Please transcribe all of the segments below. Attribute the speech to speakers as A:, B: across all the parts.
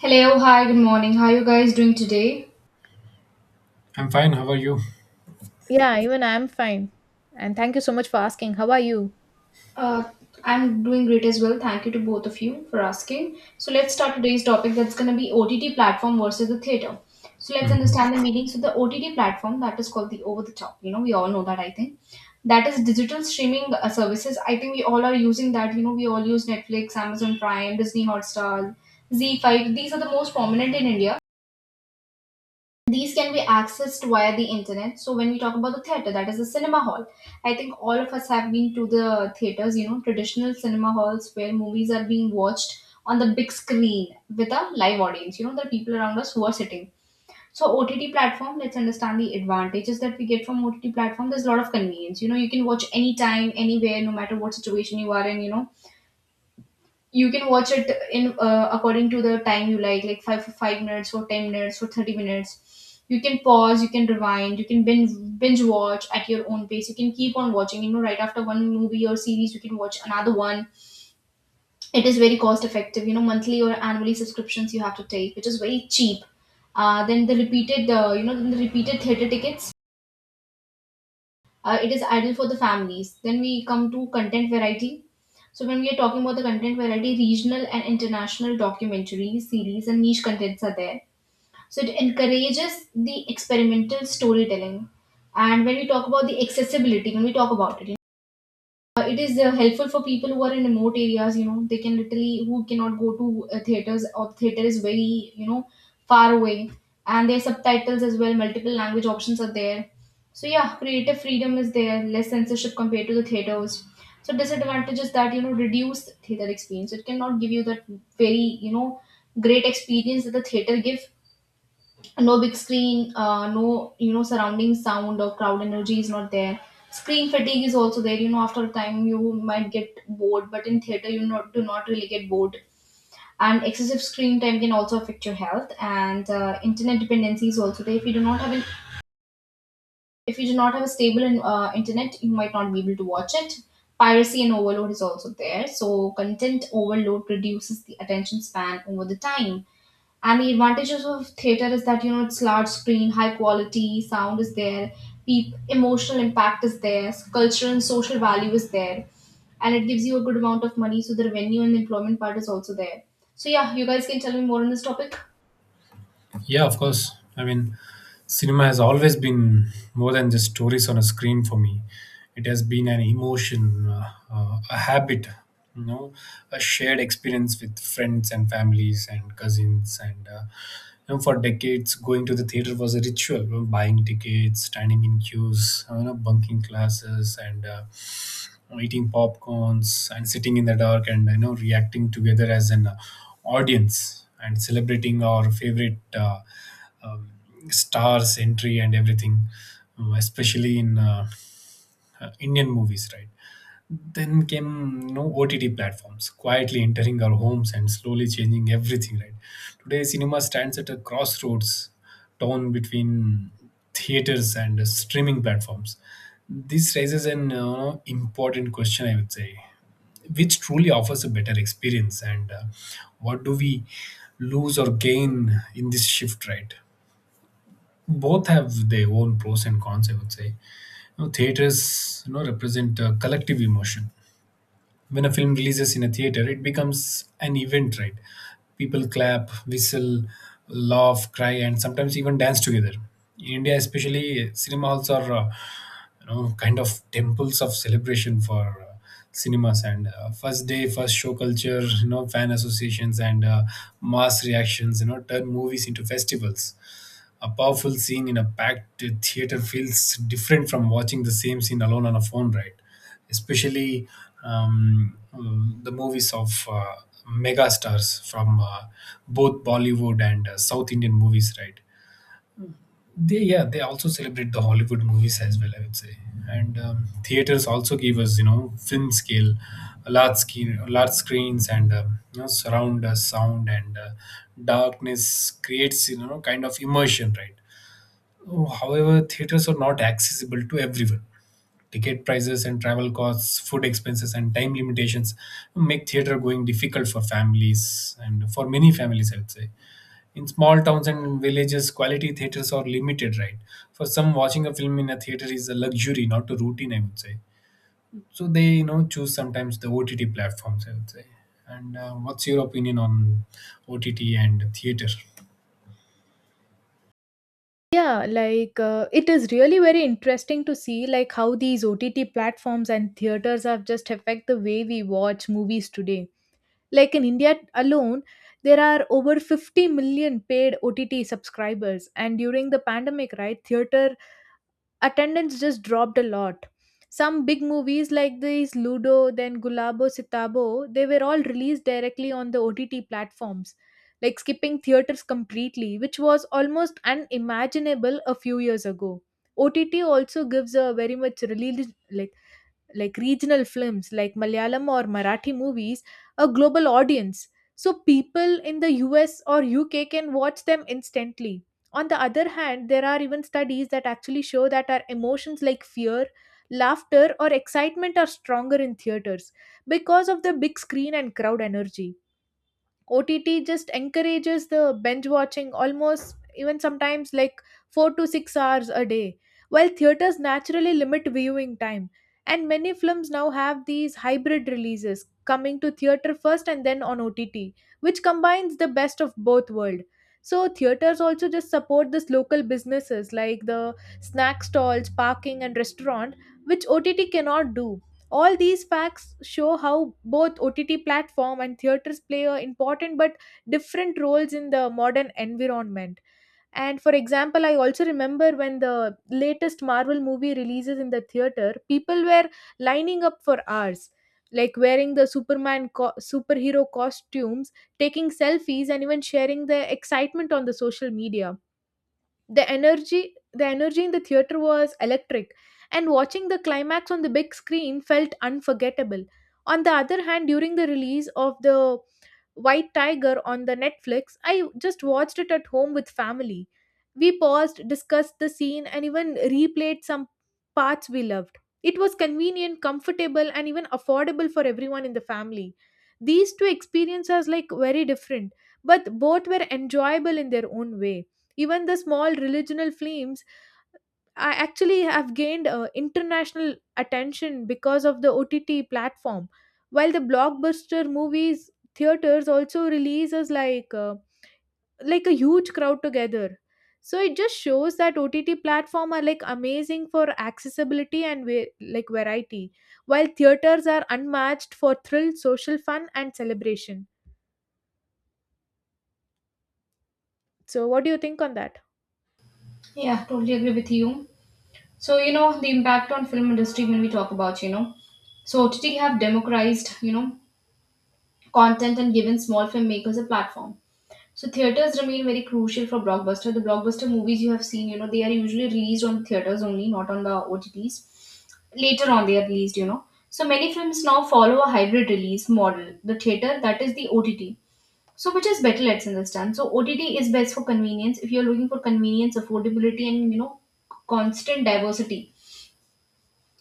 A: Hello, hi, good morning. How are you guys doing today?
B: I'm fine. How are you?
C: Yeah, even I'm fine. And thank you so much for asking. How are you?
A: Uh, I'm doing great as well. Thank you to both of you for asking. So let's start today's topic that's going to be OTT platform versus the theater. So let's
B: Mhm.
A: understand the meaning. So the OTT platform that is called the over the top. You know, we all know that I think that is digital streaming services. I think we all are using that. You know, we all use Netflix, Amazon Prime, Disney Hotstar, Z5. These are the most prominent in India. These can be accessed via the internet. So when we talk about the theater, that is the cinema hall. I think all of us have been to the theaters, you know, traditional cinema halls where movies are being watched on the big screen with a live audience, you know, the people around us who are sitting. So OTT platform, let's understand the advantages that we get from OTT platform. There's a lot of convenience, you know. You can watch anytime anywhere no matter what situation you are in, you know. You can watch it in according to the time you like 5 for 5 minutes or 10 minutes or 30 minutes. You can pause, you can rewind, you can binge watch at your own pace. You can keep on watching, you know, right after one movie or series you can watch another one. It is very cost effective, you know, monthly or annually subscriptions you have to take, which is very cheap. Then the repeated theater tickets. It is ideal for the families. Then we come to content variety. So when we are talking about the content variety, regional and international documentaries, series, and niche contents are there. So it encourages the experimental storytelling. And when we talk about the accessibility, when we talk about it, it is helpful for people who are in remote areas, you know. They can literally, who cannot go to theaters, or theater is very, you know, far away. And their subtitles as well, multiple language options are there. So yeah, creative freedom is there, less censorship compared to the theaters. So disadvantage is that, you know, reduced theater experience, it cannot give you that very, you know, great experience that the theater give. No big screen, no, you know, surrounding sound or crowd energy is not there. Screen fatigue is also there, you know, after a time you might get bored, but in theater you not do not really get bored. And excessive screen time can also affect your health, and internet dependency is also there. If you do not have a stable internet, you might not be able to watch it. Piracy and overload is also there, so content overload reduces the attention span over the time. And the advantages of theater is that, you know, it's large screen, high quality sound is there, peop emotional impact is there, cultural and social value is there, and it gives you a good amount of money. So the revenue and employment part is also there. So yeah, you guys can tell me more on this topic.
B: Yeah, of course. I mean, cinema has always been more than just stories on a screen for me. It has been an emotion, a habit, you know, a shared experience with friends and families and cousins. And you know, for decades, going to the theater was a ritual. You know, buying tickets, standing in queues, you know, bunking classes, and eating popcorns and sitting in the dark and you know reacting together as an audience and celebrating our favorite um, stars entry and everything, especially in indian movies, right? Then came no OTT platforms, quietly entering our homes and slowly changing everything, right? Today, cinema stands at a crossroads, torn between theaters and streaming platforms. This raises an important question, I would say, which truly offers a better experience, and what do we lose or gain in this shift, right? Both have their own pros and cons, I would say. You know, theaters, you know, represent collective emotion. When a film releases in a theater, it becomes an event, right? People clap, whistle, laugh, cry, and sometimes even dance together. In India, especially, cinema halls are, you know, kind of temples of celebration for cinemas. And first day, first show culture, you know, fan associations, and mass reactions, you know, turn movies into festivals. A powerful scene in a packed theater feels different from watching the same scene alone on a phone, right? Especially the movies of mega stars from both Bollywood and South Indian movies, right? They, yeah, they also celebrate the Hollywood movies as well, I would say. And theaters also give us, you know, film scale, large screens, and you know, surround sound, and darkness creates, you know, kind of immersion, right? Oh, however, theaters are not accessible to everyone. Ticket prices and travel costs, food expenses, and time limitations make theater going difficult for families, and for many families, I'd say. In small towns and villages, quality theaters are limited, right? For some, watching a film in a theater is a luxury, not a routine, I would say. So they, you know, choose sometimes the OTT platforms, I would say. And what's your opinion on OTT and theater?
C: Yeah, it is really very interesting to see like how these OTT platforms and theaters have just affect the way we watch movies today. Like in India alone, there are over 50 million paid OTT subscribers and during the pandemic, right, theater attendance just dropped a lot. Some big movies like these Ludo, then Gulabo Sitabo, they were all released directly on the OTT platforms, like skipping theaters completely, which was almost unimaginable a few years ago. OTT also gives a very much like regional films like Malayalam or Marathi movies a global audience. So people in the US or UK can watch them instantly. On the other hand, there are even studies that actually show that our emotions like fear, laughter, or excitement are stronger in theaters because of the big screen and crowd energy. OTT just encourages the binge watching almost even sometimes like 4 to 6 hours a day, while theaters naturally limit viewing time. And many films now have these hybrid releases coming to theater first and then on OTT, which combines the best of both worlds. So theaters also just support this local businesses like the snack stalls, parking and restaurant which OTT cannot do. All these facts show how both OTT platform and theaters play a important but different roles in the modern environment. And for example, I also remember when the latest Marvel movie releases in the theater, people were lining up for hours, like wearing the superhero costumes, taking selfies, and even sharing their excitement on the social media. The energy in the theater was electric, and watching the climax on the big screen felt unforgettable. On the other hand, during the release of the White Tiger on the Netflix, I just watched it at home with family. We paused, discussed the scene, and even replayed some parts we loved. It was convenient, comfortable, and even affordable for everyone in the family. These two experiences like very different, but both were enjoyable in their own way. Even the small religional films I actually have gained international attention because of the OTT platform. While the blockbuster movies, theaters also releases like a huge crowd together. So it just shows that OTT platform are like amazing for accessibility and like variety, while theaters are unmatched for thrill, social fun, and celebration. So what do you think on that?
A: Yeah, totally agree with you. So you know the impact on film industry when we talk about, you know, so OTT have democratized, you know, content and given small filmmakers a platform. So theaters remain very crucial for blockbuster. The blockbuster movies you have seen, you know, they are usually released on theaters only, not on the OTTs. Later on, they are released, you know. So many films now follow a hybrid release model. The theater, that is the OTT. So which is better, let's understand. So OTT is best for convenience. If you're looking for convenience, affordability, and, you know, constant diversity,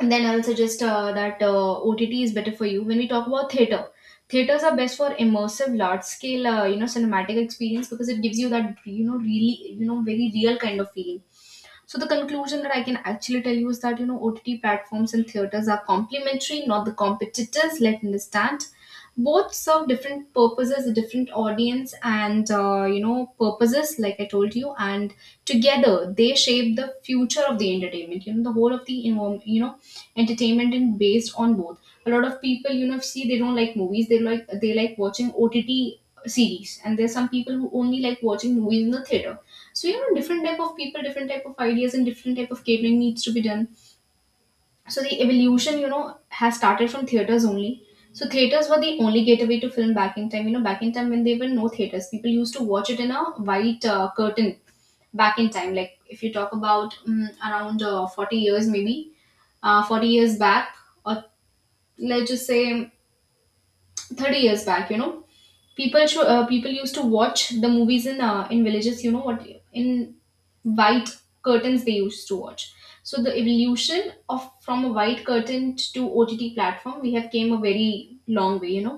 A: and then I'll suggest that OTT is better for you. When we talk about theater, theaters are best for immersive, large-scale, you know, cinematic experience because it gives you that, you know, really, you know, very real kind of feeling. So the conclusion that I can actually tell you is that, you know, OTT platforms and theaters are complementary, not the competitors. Let understand. Both serve different purposes, a different audience, and you know, purposes, like I told you. And together, they shape the future of the entertainment. You know the whole of the, you know, entertainment and based on both. A lot of people, you know, see they don't like movies. They like watching OTT series, and there's some people who only like watching movies in the theater. So, you know, different type of people, different type of ideas, and different type of catering needs to be done. So the evolution, you know, has started from theaters only. So theaters were the only gateway to film back in time. You know, back in time when there were no theaters, people used to watch it in a white curtain. Back in time, like if you talk about around 40 years maybe, 40 years back, or let's just say 30 years back, you know, people used to watch the movies in villages, you know what, in white curtains they used to watch. So the evolution of from a white curtain to OTT platform, we have came a very long way, you know.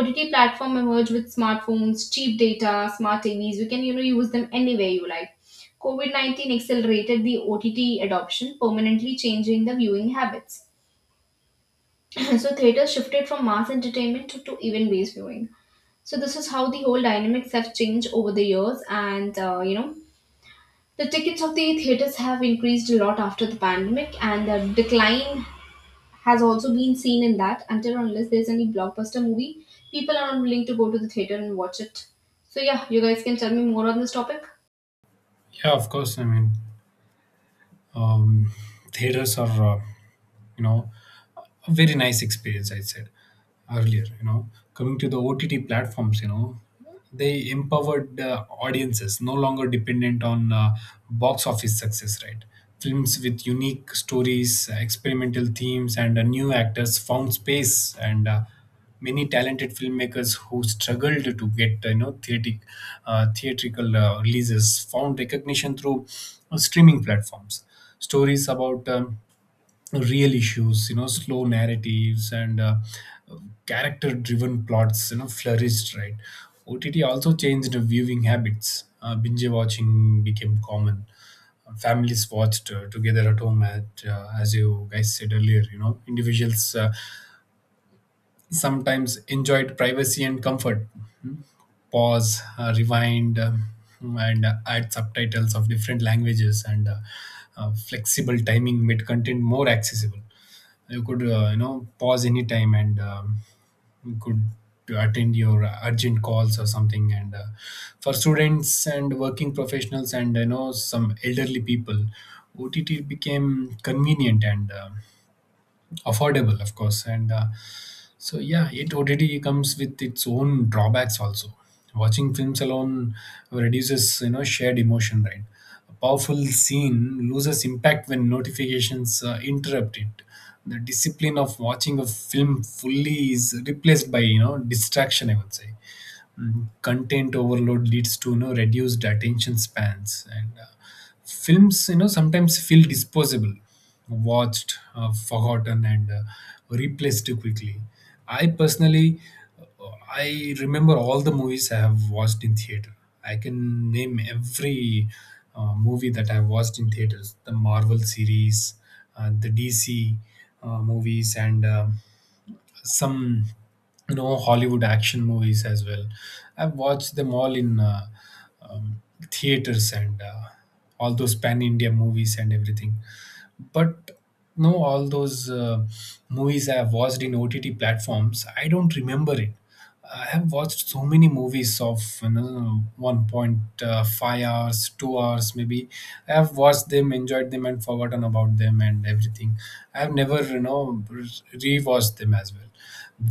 A: OTT platform emerged with smartphones, cheap data, smart TVs. You can, you know, use them anywhere you like. COVID-19 accelerated the OTT adoption, permanently changing the viewing habits. So theaters shifted from mass entertainment to event based viewing. So this is how the whole dynamics have changed over the years, and you know, the tickets of the theaters have increased a lot after the pandemic, and the decline has also been seen in that. Until or unless there's any blockbuster movie, people are not willing to go to the theater and watch it. So yeah, you guys can tell me more on this topic.
B: Yeah, of course. I mean, um, theaters are, you know, a very nice experience, I said earlier. You know, coming to the OTT platforms, you know, they empowered audiences, no longer dependent on box office success, right? Films with unique stories, experimental themes, and new actors found space, and many talented filmmakers who struggled to get you know, theatrical releases found recognition through streaming platforms. Stories about real issues, you know, slow narratives, and character driven plots, you know, flourished, right? OTT also changed the viewing habits. Binge watching became common. Families watched together at home. At as you guys said earlier, you know, individuals sometimes enjoyed privacy and comfort. Pause, rewind, and add subtitles of different languages, and flexible timing made content more accessible. You could, you know, pause any time, and you could attend your urgent calls or something, and for students and working professionals and you know, some elderly people, OTT became convenient and affordable, of course. And so yeah, it already comes with its own drawbacks also. Watching films alone reduces, you know, shared emotion, right? A powerful scene loses impact when notifications interrupt it. The discipline of watching a film fully is replaced by, you know, distraction, I would say. Mm, content overload leads to, you know, reduced attention spans, and films, you know, sometimes feel disposable, watched, forgotten, and replaced too quickly. I personally, uh, I remember all the movies I have watched in theater. I can name every movie that I watched in theaters: the Marvel series, the DC movies, and some, you know, Hollywood action movies as well. I've watched them all in um, theaters, and all those pan India movies and everything. But no, all those movies I have watched in OTT platforms, I don't remember it. I have watched so many movies of, you know, 1.5 hours, 2 hours maybe. I have watched them, enjoyed them, and forgotten about them and everything. I have never, you know, rewatched them as well.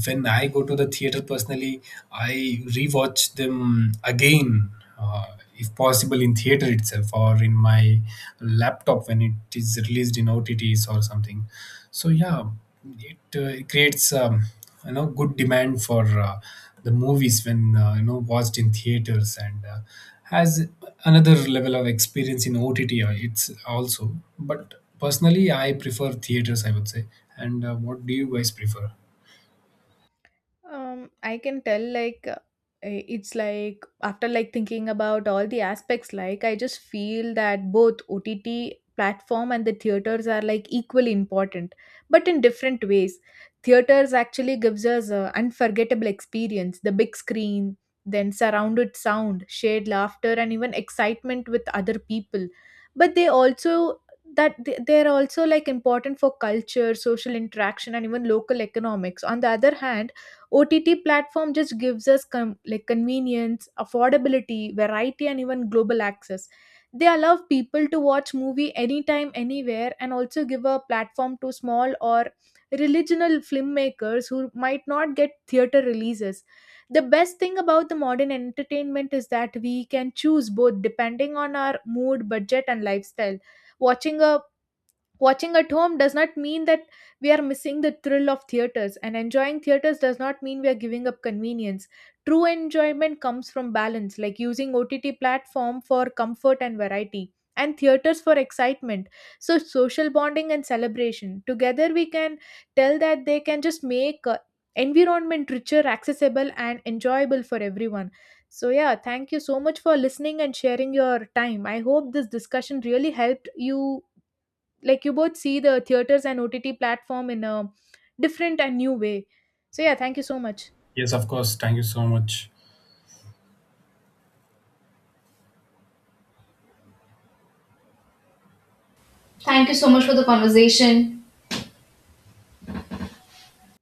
B: When I go to the theater personally, I rewatch them again, uh, if possible, in theater itself or in my laptop when it is released in OTTs or something. So yeah, it, creates you know, good demand for the movies when, you know, watched in theaters, and has another level of experience in OTT. It's also, but personally, I prefer theaters, I would say. And what do you guys prefer?
C: I can tell it's like after like thinking about all the aspects, like I just feel that both OTT platform and the theaters are like equally important, but in different ways. Theaters actually gives us a unforgettable experience, the big screen, then surrounded sound, shared laughter, and even excitement with other people. But they also they're also like important for culture, social interaction, and even local economics. On the other hand, OTT platform just gives us like convenience, affordability, variety, and even global access. They allow people to watch movie anytime, anywhere, and also give a platform to small or regional filmmakers who might not get theater releases. The best thing about the modern entertainment is that we can choose both depending on our mood, budget, and lifestyle. watching a Watching at home does not mean that we are missing the thrill of theaters, and enjoying theaters does not mean we are giving up convenience. True enjoyment comes from balance, like using OTT platform for comfort and variety, and theaters for excitement. So social bonding and celebration together, we can tell that they can just make environment richer, accessible, and enjoyable for everyone. So yeah, thank you so much for listening and sharing your time. I hope this discussion really helped you, like you both see the theaters and OTT platform in a different and new way. So yeah, thank you so much.
B: Yes, of course. Thank you so much.
A: Thank you so much for the conversation.